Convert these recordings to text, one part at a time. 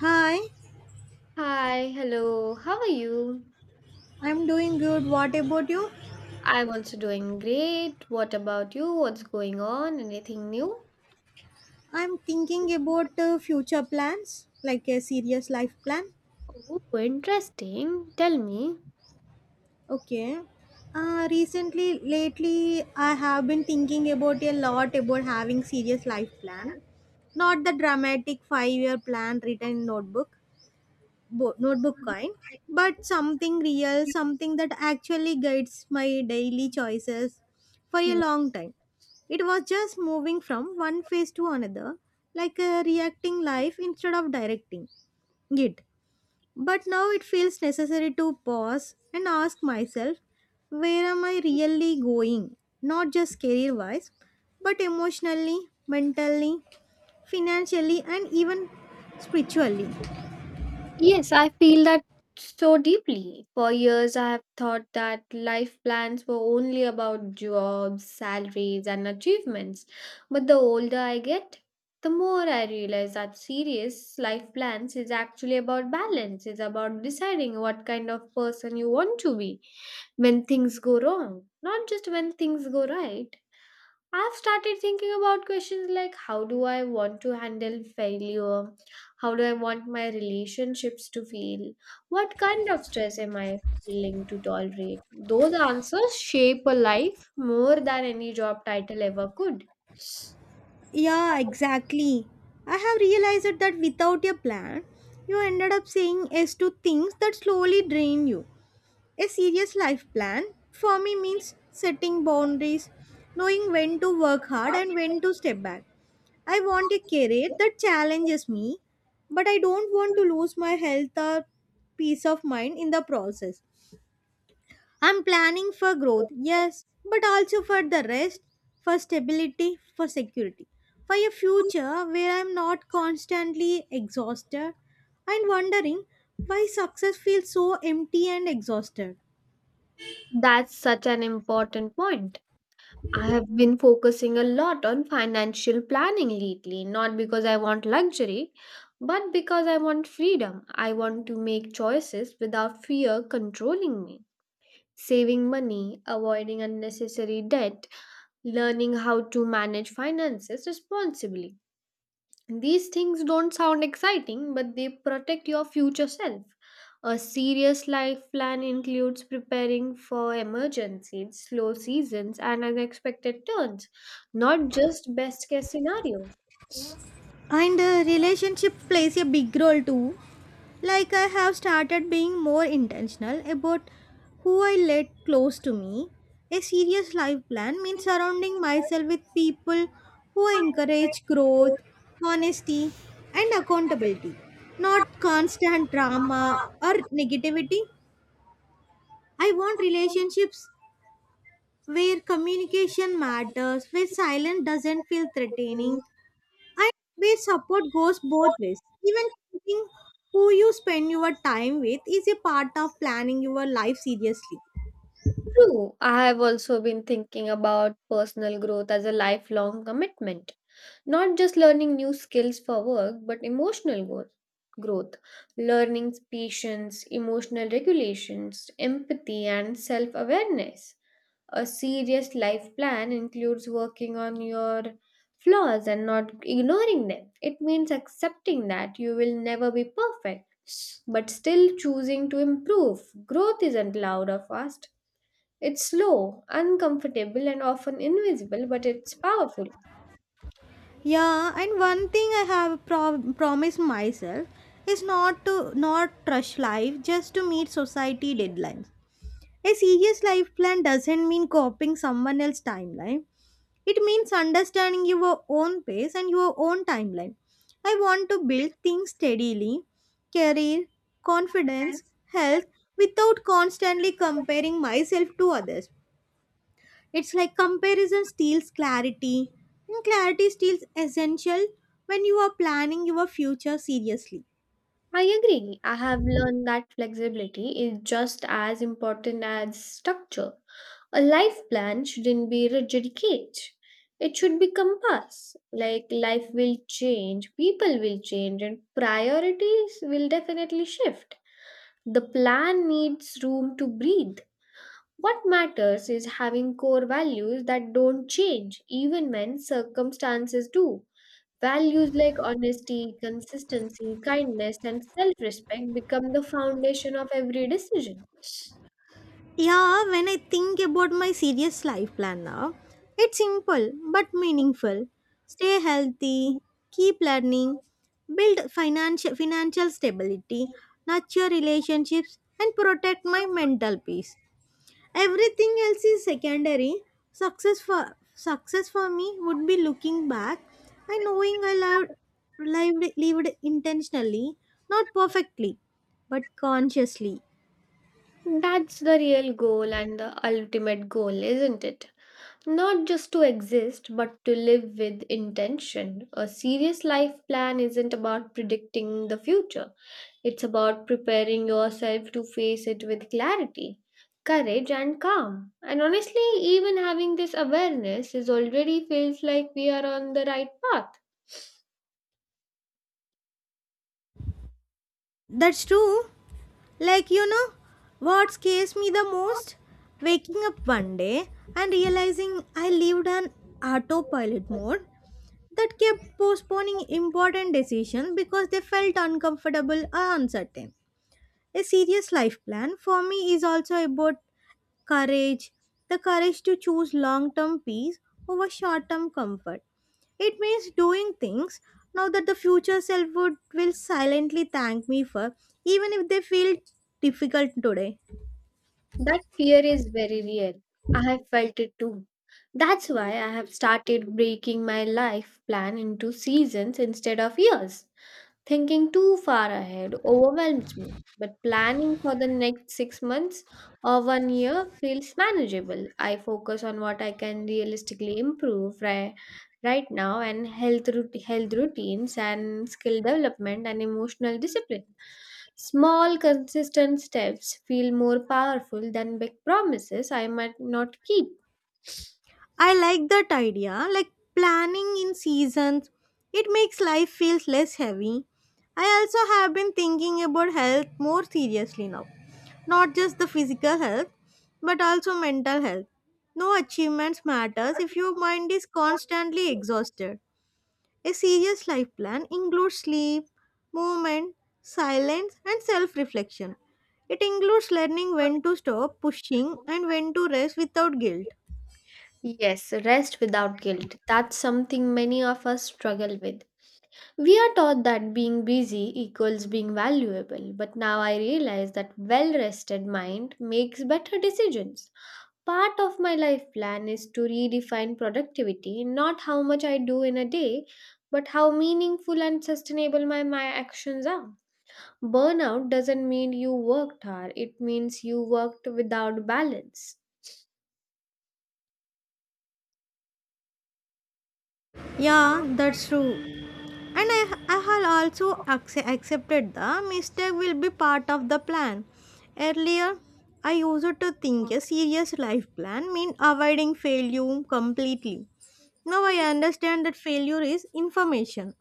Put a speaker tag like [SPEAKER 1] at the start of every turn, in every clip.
[SPEAKER 1] Hi,
[SPEAKER 2] Hi, hello, how are you?
[SPEAKER 1] I'm doing good. What about you?
[SPEAKER 2] I'm also doing great. What about you? What's going on? Anything new?
[SPEAKER 1] I'm thinking about future plans, like a serious life plan.
[SPEAKER 2] Oh, interesting. Tell me.
[SPEAKER 1] Okay. Recently, lately, I have been thinking about a lot about having serious life plan, not the dramatic five-year plan written in notebook. Notebook kind, but something real, something that actually guides my daily choices. For a
[SPEAKER 2] Mm.
[SPEAKER 1] long time it was just moving from one phase to another, like a reacting life instead of directing it. But now it feels necessary to pause and ask myself, where am I really going? Not just career wise, but emotionally, mentally, financially and even spiritually.
[SPEAKER 2] Yes, I feel that so deeply. For years, I have thought that life plans were only about jobs, salaries, and achievements. But the older I get, the more I realize that serious life plans is actually about balance, it's about deciding what kind of person you want to be when things go wrong, not just when things go right. I've started thinking about questions like how do I want to handle failure? How do I want my relationships to feel? What kind of stress am I willing to tolerate? Those answers shape a life more than any job title ever could.
[SPEAKER 1] Yeah, exactly. I have realized that without a plan, you ended up saying yes to things that slowly drain you. A serious life plan for me means setting boundaries, knowing when to work hard and when to step back. I want a career that challenges me, but I don't want to lose my health or peace of mind in the process. I'm planning for growth, yes, but also for the rest, for stability, for security, for a future where I'm not constantly exhausted and wondering why success feels so empty and exhausted.
[SPEAKER 2] That's such an important point. I have been focusing a lot on financial planning lately, not because I want luxury, but because I want freedom. I want to make choices without fear controlling me. Saving money, avoiding unnecessary debt, learning how to manage finances responsibly. These things don't sound exciting, but they protect your future self. A serious life plan includes preparing for emergencies, slow seasons, and unexpected turns, not just best case scenario.
[SPEAKER 1] And relationship plays a big role too. Like I have started being more intentional about who I let close to me. A serious life plan means surrounding myself with people who encourage growth, honesty, and accountability, not constant drama or negativity. I want relationships where communication matters, where silence doesn't feel threatening, and where support goes both ways. Even choosing who you spend your time with is a part of planning your life seriously.
[SPEAKER 2] True. I have also been thinking about personal growth as a lifelong commitment, not just learning new skills for work, but emotional growth. Growth, learning patience, emotional regulations, empathy, and self awareness. A serious life plan includes working on your flaws and not ignoring them. It means accepting that you will never be perfect, but still choosing to improve. Growth isn't loud or fast, it's slow, uncomfortable, and often invisible, but it's powerful.
[SPEAKER 1] Yeah, and one thing I have promised myself is not to not rush life just to meet society deadlines. A serious life plan doesn't mean copying someone else's timeline. It means understanding your own pace and your own timeline. I want to build things steadily, career, confidence, health, without constantly comparing myself to others. It's like comparison steals clarity, and clarity steals essential when you are planning your future seriously.
[SPEAKER 2] I agree. I have learned that flexibility is just as important as structure. A life plan shouldn't be a rigid cage. It should be compass. Like life will change, people will change, and priorities will definitely shift. The plan needs room to breathe. What matters is having core values that don't change even when circumstances do. Values like honesty, consistency, kindness, and self respect become the foundation of every decision.
[SPEAKER 1] Yeah, when I think about my serious life plan now, it's simple but meaningful. Stay healthy, keep learning, build financial stability, nurture relationships and protect my mental peace. Everything else is secondary. Success for me would be looking back and knowing I loved, lived intentionally, not perfectly, but consciously.
[SPEAKER 2] That's the real goal and the ultimate goal, isn't it? Not just to exist, but to live with intention. A serious life plan isn't about predicting the future, it's about preparing yourself to face it with clarity, courage, and calm. And honestly, even having this awareness is already feels like we are on the right path.
[SPEAKER 1] That's true. Like, you know, what scares me the most? Waking up one day and realizing I lived on autopilot mode that kept postponing important decisions because they felt uncomfortable or uncertain. A serious life plan for me is also about courage, the courage to choose long term peace over short term comfort. It means doing things now that the future self would will silently thank me for, even if they feel difficult today.
[SPEAKER 2] That fear is very real. I have felt it too. That's why I have started breaking my life plan into seasons instead of years. Thinking too far ahead overwhelms me, but planning for the next 6 months or one year feels manageable. I focus on what I can realistically improve right now, and health health routines and skill development and emotional discipline. Small consistent steps feel more powerful than big promises I might not keep.
[SPEAKER 1] I like that idea, like planning in seasons. It makes life feels less heavy. I also have been thinking about health more seriously now. Not just the physical health, but also mental health. No achievements matters if your mind is constantly exhausted. A serious life plan includes sleep, movement, silence, and self-reflection. It includes learning when to stop pushing and when to rest without guilt.
[SPEAKER 2] Yes, rest without guilt, that's something many of us struggle with. We are taught that being busy equals being valuable, but now I realize that well rested mind makes better decisions. Part of my life plan is to redefine productivity, not how much I do in a day, but how meaningful and sustainable my actions are. Burnout doesn't mean you worked hard, it means you worked without balance.
[SPEAKER 1] Yeah, that's true. And I had also accepted the mistake will be part of the plan. Earlier, I used to think a serious life plan meant avoiding failure completely. Now I understand that failure is information.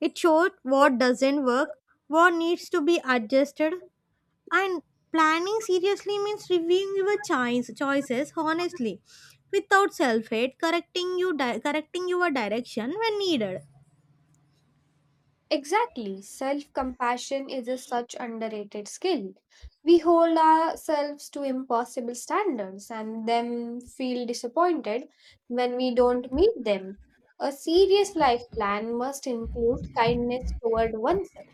[SPEAKER 1] It shows what doesn't work, what needs to be adjusted, and planning seriously means reviewing your choices honestly, without self-hate, correcting your direction when needed.
[SPEAKER 2] Exactly. Self compassion is a such underrated skill. We hold ourselves to impossible standards and then feel disappointed when we don't meet them. A serious life plan must include kindness toward oneself.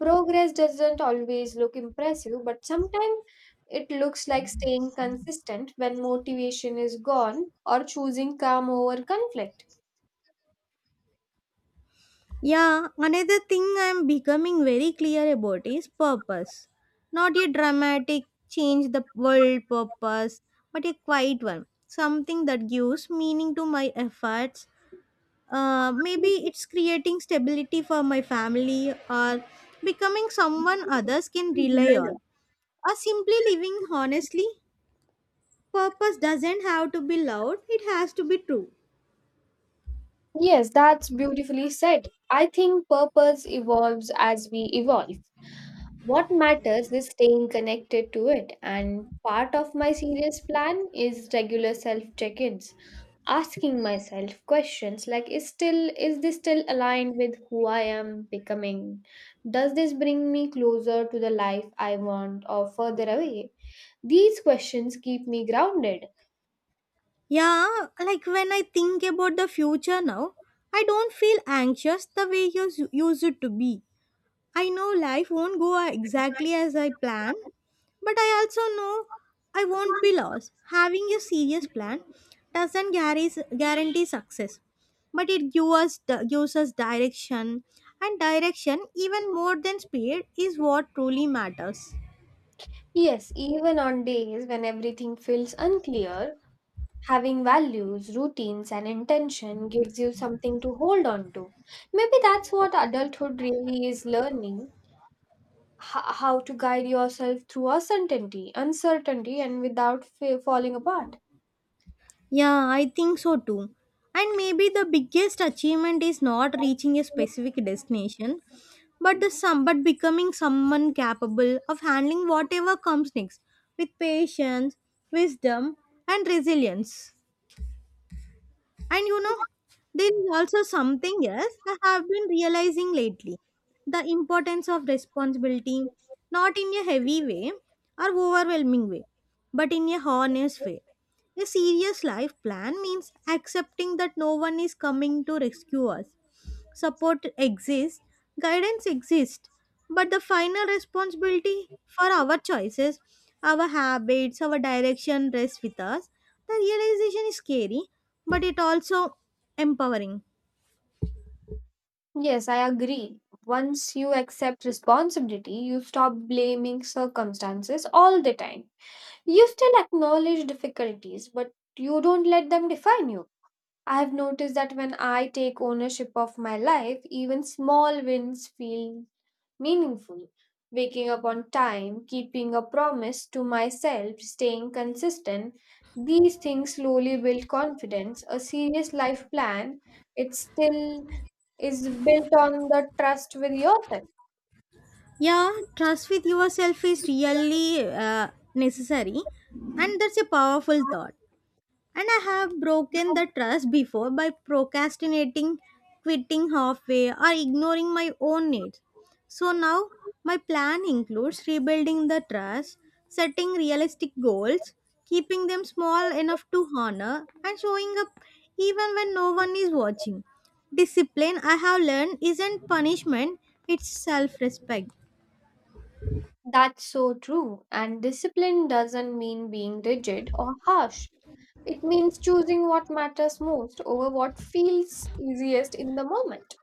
[SPEAKER 2] Progress doesn't always look impressive, but sometimes it looks like staying consistent when motivation is gone or choosing calm over conflict.
[SPEAKER 1] Yeah, another thing I'm becoming very clear about is purpose. Not a dramatic change the world purpose, but a quiet one. Something that gives meaning to my efforts. Maybe it's creating stability for my family or becoming someone others can rely on. Or simply living honestly. Purpose doesn't have to be loud, it has to be true.
[SPEAKER 2] Yes, that's beautifully said. I think purpose evolves as we evolve. What matters is staying connected to it, and part of my serious plan is regular self check ins, asking myself questions like is this still aligned with who I am becoming? Does this bring me closer to the life I want or further away? These questions keep me grounded.
[SPEAKER 1] Yeah, like when I think about the future now, I don't feel anxious the way you used it to be. I know life won't go exactly as I plan, but I also know I won't be lost. Having a serious plan doesn't guarantee success, but it gives us direction, and direction, even more than speed, is what truly matters.
[SPEAKER 2] Yes, even on days when everything feels unclear, having values, routines, and intention gives you something to hold on to. Maybe that's what adulthood really is: learning how to guide yourself through uncertainty, uncertainty and without falling apart.
[SPEAKER 1] Yeah, I think so too. And maybe the biggest achievement is not reaching a specific destination, but the some but becoming someone capable of handling whatever comes next with patience, wisdom, and resilience. And you know, there is also something else I have been realizing lately, the importance of responsibility, not in a heavy way or overwhelming way, but in a honest way. A serious life plan means accepting that no one is coming to rescue us. Support exists, guidance exists, but the final responsibility for our choices, our habits, our direction rests with us. The realization is scary, but it also empowering.
[SPEAKER 2] Yes, I agree. Once you accept responsibility, you stop blaming circumstances all the time. You still acknowledge difficulties, but you don't let them define you. I have noticed that when I take ownership of my life, even small wins feel meaningful. Waking up on time, keeping a promise to myself, staying consistent. These things slowly build confidence. A serious life plan, it still is built on the trust with yourself.
[SPEAKER 1] Yeah, trust with yourself is really necessary, and that's a powerful thought. And I have broken the trust before by procrastinating, quitting halfway, or ignoring my own needs. So now my plan includes rebuilding the trust, setting realistic goals, keeping them small enough to honor, and showing up even when no one is watching. Discipline, I have learned, isn't punishment, it's self respect.
[SPEAKER 2] That's so true. And discipline doesn't mean being rigid or harsh. It means choosing what matters most over what feels easiest in the moment.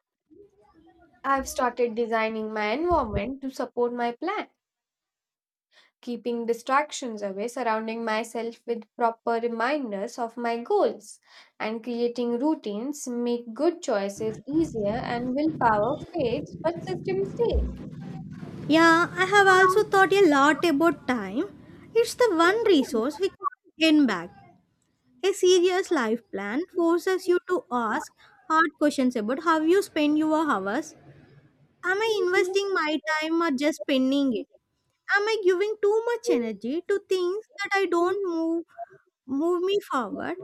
[SPEAKER 2] I've started designing my environment to support my plan, keeping distractions away, surrounding myself with proper reminders of my goals, and creating routines. Make good choices easier and willpower fades, but system stays.
[SPEAKER 1] Yeah, I have also thought a lot about time. It's the one resource we can't gain back. A serious life plan forces you to ask hard questions about how you spend your hours. Am I investing my time or just spending it? Am I giving too much energy to things that I don't move move me forward?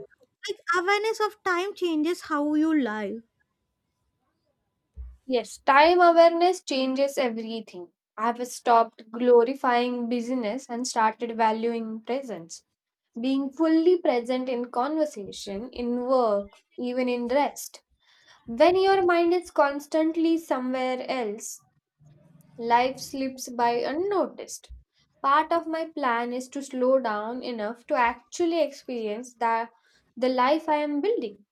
[SPEAKER 1] Like awareness of time changes how you live.
[SPEAKER 2] Yes, time awareness changes everything. I have stopped glorifying busyness and started valuing presence, being fully present in conversation, in work, even in rest. When your mind is constantly somewhere else, life slips by unnoticed. Part of my plan is to slow down enough to actually experience the life I am building.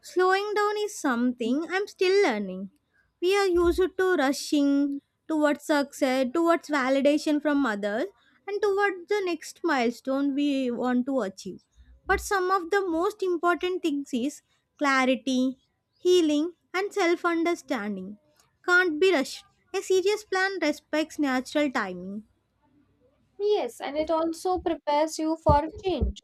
[SPEAKER 1] Slowing down is something I'm still learning. We are used to rushing towards success, towards validation from others, and towards the next milestone we want to achieve. But some of the most important things is clarity, healing, and self understanding. Can't be rushed. A serious plan respects natural timing.
[SPEAKER 2] Yes, and it also prepares you for change.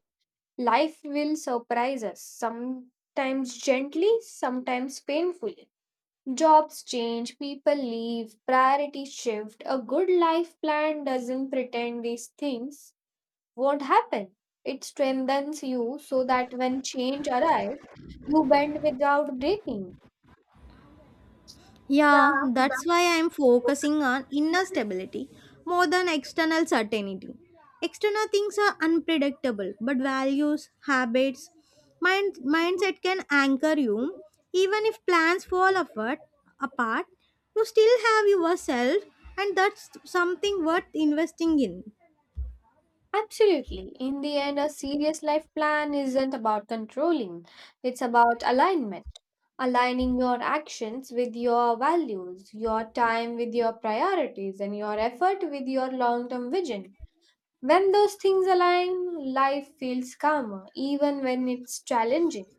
[SPEAKER 2] Life will surprise us, sometimes gently, sometimes painfully. Jobs change, people leave, priorities shift. A good life plan doesn't pretend these things won't happen. It strengthens you so that when change arrives, you bend without breaking.
[SPEAKER 1] Yeah, that's why I'm focusing on inner stability more than external certainty. External things are unpredictable, but values, habits, mind, mindset can anchor you. Even if plans fall apart, apart, you still have yourself, and that's something worth investing in.
[SPEAKER 2] Absolutely. In the end, a serious life plan isn't about controlling, it's about alignment. Aligning your actions with your values, your time with your priorities, and your effort with your long term vision. When those things align, life feels calmer, even when it's challenging.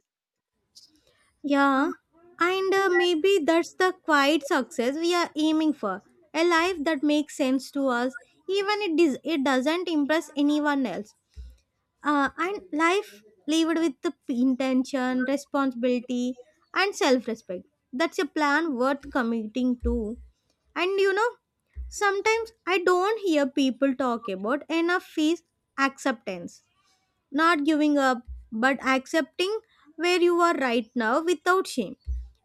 [SPEAKER 1] Yeah, and maybe that's the quiet success we are aiming for. A life that makes sense to us, even it, dis- it doesn't impress anyone else. And life lived with the p- intention, responsibility, and self respect. That's a plan worth committing to. And you know, sometimes I don't hear people talk about enough is acceptance not giving up, but accepting where you are right now without shame.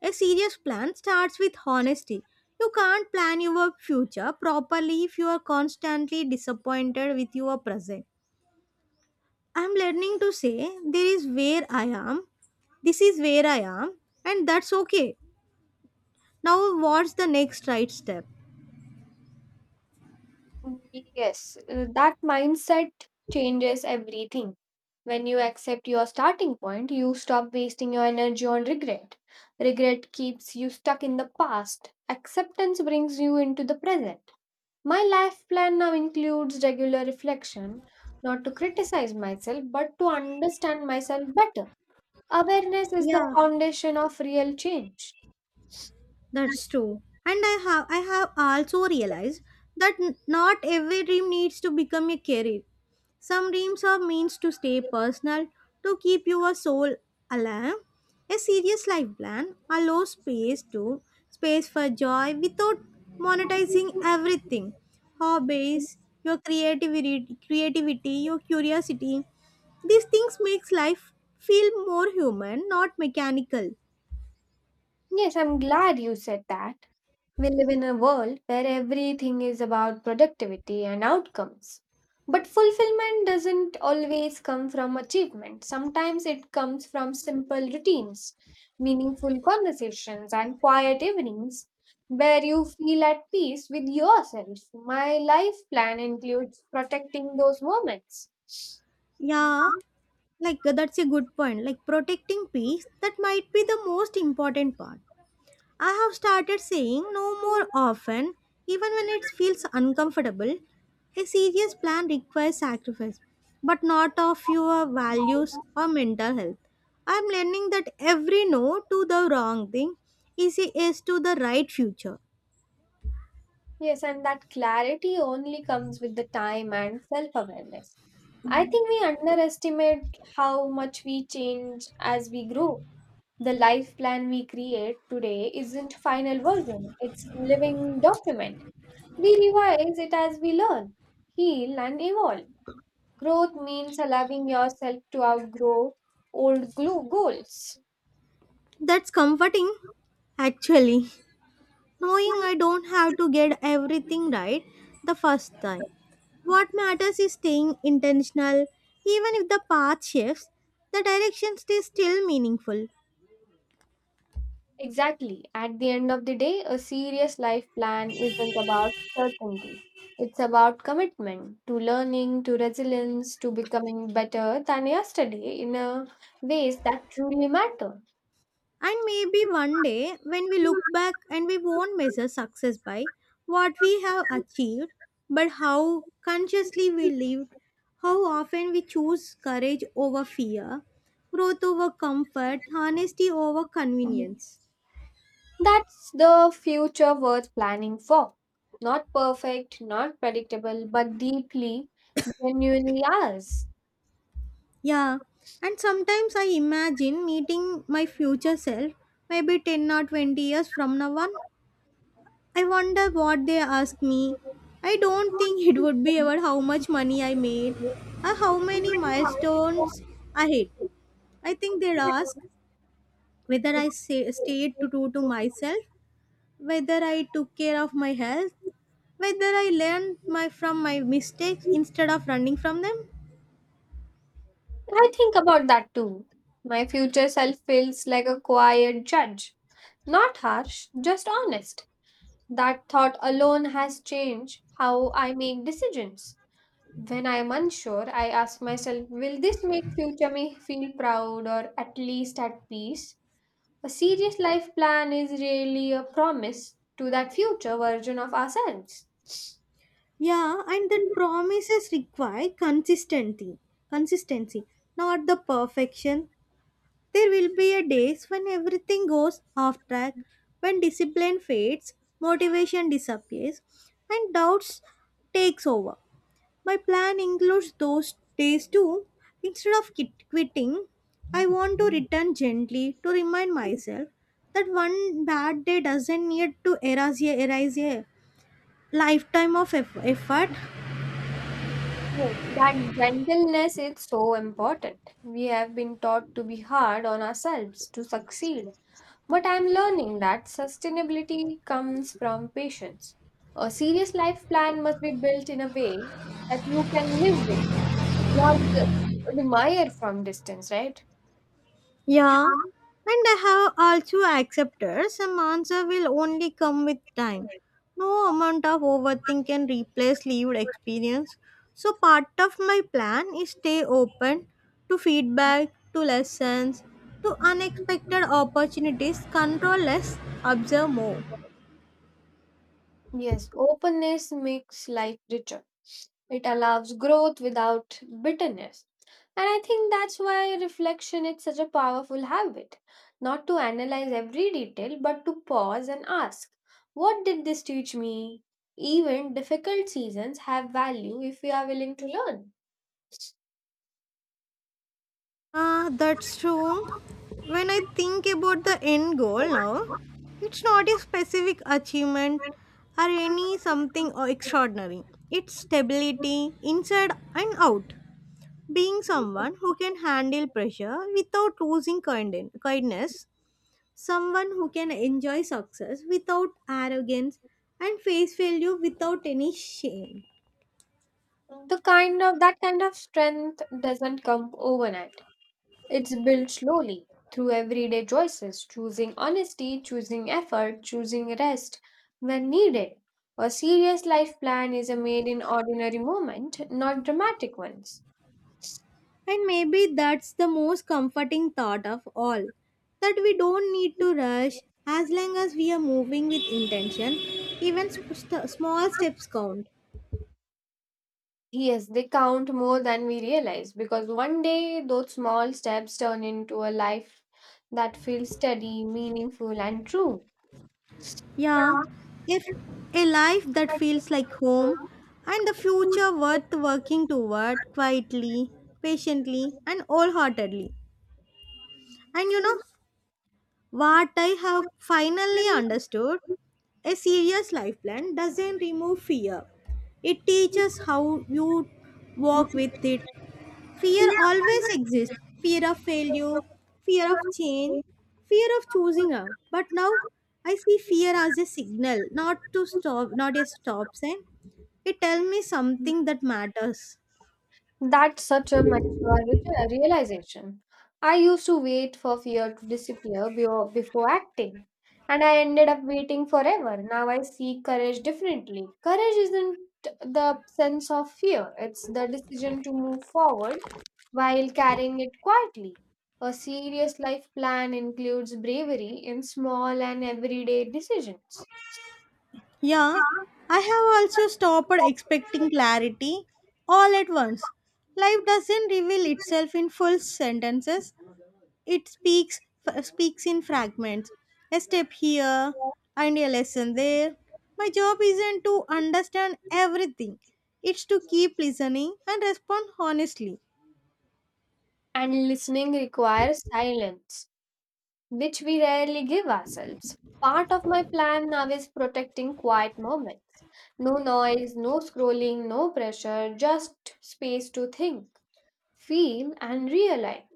[SPEAKER 1] A serious plan starts with honesty. You can't plan your future properly if you are constantly disappointed with your present. I'm learning to say, There is where I am, this is where I am, and that's okay. Now, what's the next right step?
[SPEAKER 2] Yes, that mindset changes everything. When you accept your starting point, you stop wasting your energy on regret. Regret keeps you stuck in the past. Acceptance brings you into the present. My life plan now includes regular reflection, not to criticize myself, but to understand myself better. Awareness is the
[SPEAKER 1] Yeah,
[SPEAKER 2] foundation of real change.
[SPEAKER 1] that's true. And I have also realized that not every dream needs to become a career. Some dreams are means to stay personal, to keep your soul alive. A serious life plan allows space for joy without monetizing everything. Hobbies, your creativity, your curiosity. These things makes life feel more human, not mechanical.
[SPEAKER 2] Yes, I'm glad you said that. We live in a world where everything is about productivity and outcomes. But fulfillment doesn't always come from achievement. Sometimes it comes from simple routines, meaningful conversations, and quiet evenings where you feel at peace with yourself. My life plan includes protecting those moments.
[SPEAKER 1] Yeah, like that's a good point. Like protecting peace, that might be the most important part. I have started saying no more often, even when it feels uncomfortable. A serious plan requires sacrifice, but not of your values or mental health. I am learning that every no to the wrong thing is a yes to the right future.
[SPEAKER 2] Yes, and that clarity only comes with the time and self awareness. I think we underestimate how much we change as we grow. The life plan we create today isn't final version, it's living document. We revise it as we learn, heal, and evolve. Growth means allowing yourself to outgrow old goals.
[SPEAKER 1] That's comforting, actually. Knowing I don't have to get everything right the first time. What matters is staying intentional, even if the path shifts, the direction is still meaningful.
[SPEAKER 2] Exactly. At the end of the day, a serious life plan isn't about certainty. It's about commitment to learning, to resilience, to becoming better than yesterday in a ways that truly matter.
[SPEAKER 1] And maybe one day, when we look back, and we won't measure success by what we have achieved, but how consciously we lived, how often we choose courage over fear, growth over comfort, honesty over convenience.
[SPEAKER 2] That's the future worth planning for. Not perfect, not predictable, but deeply, genuinely ours.
[SPEAKER 1] Yeah, and sometimes I imagine meeting my future self, maybe 10 or 20 years from now on. I wonder what they ask me. I don't think it would be about how much money I made or how many milestones I hit. I think they'd ask whether stayed true to myself, whether I took care of my health, whether I learned from my mistakes instead of running from them.
[SPEAKER 2] I think about that too. My future self feels like a quiet judge. Not harsh, just honest. That thought alone has changed how I make decisions. When I am unsure, I ask myself, will this make future me feel proud or at least at peace? A serious life plan is really a promise to that future version of ourselves.
[SPEAKER 1] Yeah, and that promises require consistency. Consistency, not the perfection. There will be a days when everything goes off track, when discipline fades, motivation disappears, and doubts takes over. My plan includes those days too. Instead of quitting, I want to return gently to remind myself that one bad day doesn't need to erase a lifetime of effort.
[SPEAKER 2] Yes, that gentleness is so important. We have been taught to be hard on ourselves to succeed. But I'm learning that sustainability comes from patience. A serious life plan must be built in a way that you can live with, not just admire from distance, right?
[SPEAKER 1] Yeah, and I have also accepted some answer will only come with time. No amount of overthink can replace lived experience. So part of my plan is stay open to feedback, to lessons, to unexpected opportunities, control less, observe more.
[SPEAKER 2] Yes, openness makes life richer. It allows growth without bitterness. And I think that's why reflection is such a powerful habit. Not to analyze every detail, but to pause and ask, what did this teach me? Even difficult seasons have value if we are willing to learn.
[SPEAKER 1] Ah, that's true. When I think about the end goal now, it's not a specific achievement or any something or extraordinary. It's stability inside and out. Being someone who can handle pressure without losing kindness, someone who can enjoy success without arrogance and face failure without any shame.
[SPEAKER 2] The kind of that kind of strength doesn't come overnight. It's built slowly through everyday choices: choosing honesty, choosing effort, choosing rest when needed. A serious life plan is made in ordinary moments, not dramatic ones.
[SPEAKER 1] And maybe that's the most comforting thought of all that we don't need to rush as long as we are moving with intention, even small steps count.
[SPEAKER 2] Yes, they count more than we realize, because one day those small steps turn into a life that feels steady, meaningful, and true.
[SPEAKER 1] Yeah, if a life that feels like home and the future worth working toward quietly, patiently, and wholeheartedly. And you know what I have finally understood? A serious life plan doesn't remove fear. It teaches how you walk with it. Fear always exists fear of failure, fear of change, fear of choosing wrong. But now I see fear as a signal, not to stop, not a stop sign. It tells me something that matters.
[SPEAKER 2] That's such a mature re- realization. I used to wait for fear to disappear before acting, and I ended up waiting forever. Now I see courage differently. Courage isn't the sense of fear, it's the decision to move forward while carrying it quietly. A serious life plan includes bravery in small and everyday decisions,
[SPEAKER 1] Yeah, I have also stopped expecting clarity all at once. Life doesn't reveal itself in full sentences. It speaks speaks in fragments. A step here and a lesson there. My job isn't to understand everything. It's to keep listening and respond honestly.
[SPEAKER 2] and listening requires silence, which we rarely give ourselves. Part of my plan now is protecting quiet moments. No noise, no scrolling, no pressure, just space to think, feel, and realign.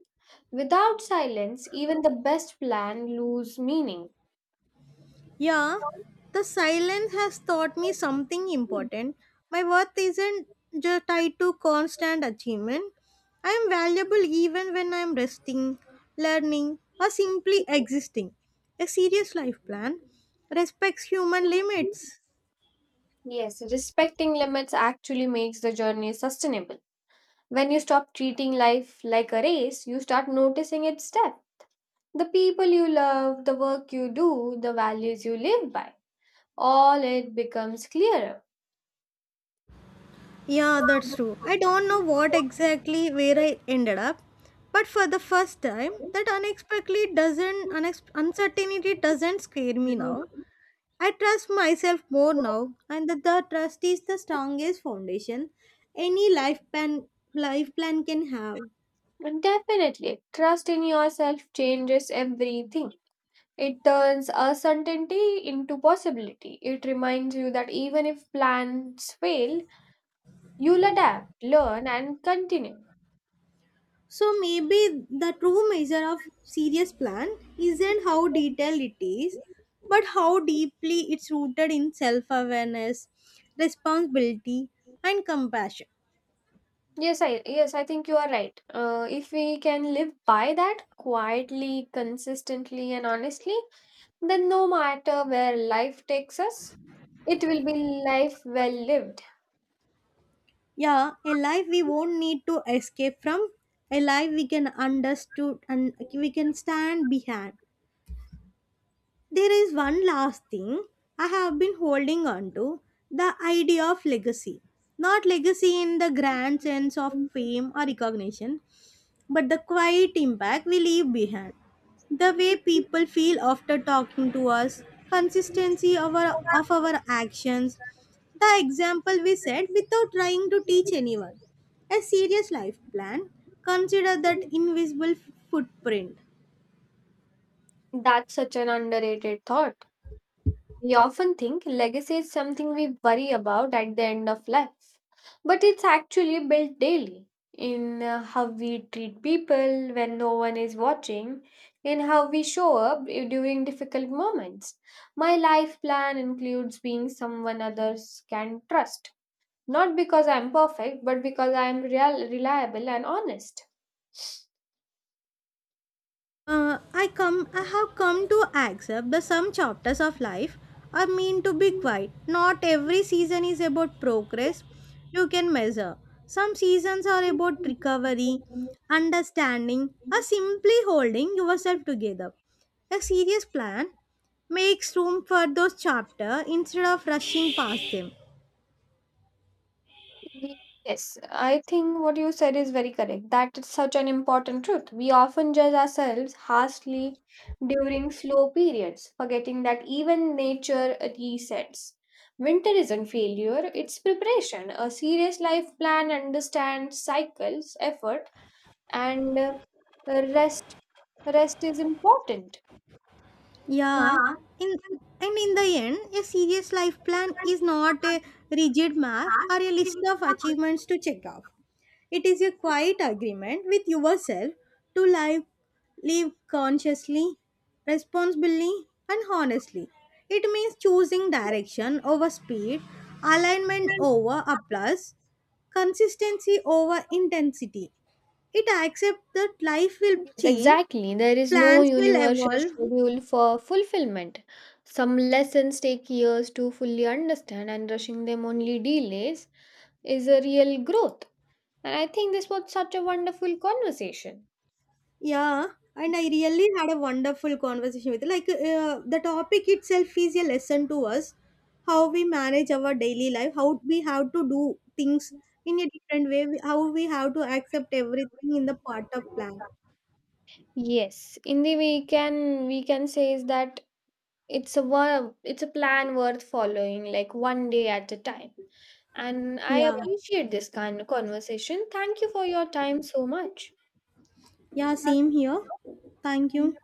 [SPEAKER 2] Without silence, even the best plan lose meaning.
[SPEAKER 1] Yeah, the silence has taught me something important. My worth isn't just tied to constant achievement. I am valuable even when I am resting, learning, or simply existing. A serious life plan respects human limits.
[SPEAKER 2] Yes, respecting limits actually makes the journey sustainable. When you stop treating life like a race, you start noticing its depth. The people you love, the work you do, the values you live by, all it becomes clearer.
[SPEAKER 1] Yeah, that's true. I don't know what exactly where I ended up, but for the first time, that unexpectedly doesn't uncertainty doesn't scare me now. I trust myself more now, and that the trust is the strongest foundation any life plan can have.
[SPEAKER 2] Definitely. Trust in yourself changes everything. It turns uncertainty into possibility. It reminds you that even if plans fail, you'll adapt, learn, and continue.
[SPEAKER 1] So maybe the true measure of serious plan isn't how detailed it is, but how deeply it's rooted in self-awareness, responsibility, and compassion.
[SPEAKER 2] Yes, I think you are right. If we can live by that quietly, consistently, and honestly, then no matter where life takes us, it will be life well lived.
[SPEAKER 1] Yeah, a life we won't need to escape from, a life we can understood and we can stand behind. There is one last thing I have been holding on to, the idea of legacy. Not legacy in the grand sense of fame or recognition, but the quiet impact we leave behind. The way people feel after talking to us, consistency of our actions, the example we set without trying to teach anyone. A serious life plan, consider that invisible footprint.
[SPEAKER 2] That's such an underrated thought. We often think legacy is something we worry about at the end of life, but it's actually built daily in how we treat people when no one is watching, in how we show up during difficult moments. My life plan includes being someone others can trust, not because I'm perfect, but because I'm real, reliable, and honest.
[SPEAKER 1] I have come to accept that some chapters of life are meant to be quiet. Not every season is about progress you can measure. Some seasons are about recovery, understanding, or simply holding yourself together. A serious plan makes room for those chapters instead of rushing past them.
[SPEAKER 2] Yes, I think what you said is very correct. That is such an important truth. We often judge ourselves harshly during slow periods, forgetting that even nature resets. Winter isn't failure, it's preparation. A serious life plan understands cycles, effort, and rest. Rest is important.
[SPEAKER 1] Yeah, in and in the end, a serious life plan is not a rigid map or a list of achievements to check off. It is a quiet agreement with yourself to live, live consciously, responsibly, and honestly. It means choosing direction over speed, alignment over applause, consistency over intensity. It accepts that life will
[SPEAKER 2] Yes,
[SPEAKER 1] change,
[SPEAKER 2] exactly. There is no
[SPEAKER 1] plans will
[SPEAKER 2] universal
[SPEAKER 1] evolve.
[SPEAKER 2] schedule for fulfillment. Some lessons take years to fully understand, and rushing them only delays is a real growth. And I think this was such a wonderful conversation.
[SPEAKER 1] Yeah, and I really had a wonderful conversation with like the topic itself is a lesson to us how we manage our daily life, how we have to do things in a different way, how we have to accept everything in the part of plan.
[SPEAKER 2] Yes, in the way can we can say is that it's a it's a plan worth following, like one day at a time. And I,
[SPEAKER 1] Yeah,
[SPEAKER 2] appreciate this kind of conversation. Thank you for your time so much.
[SPEAKER 1] yeah, same here. Thank you.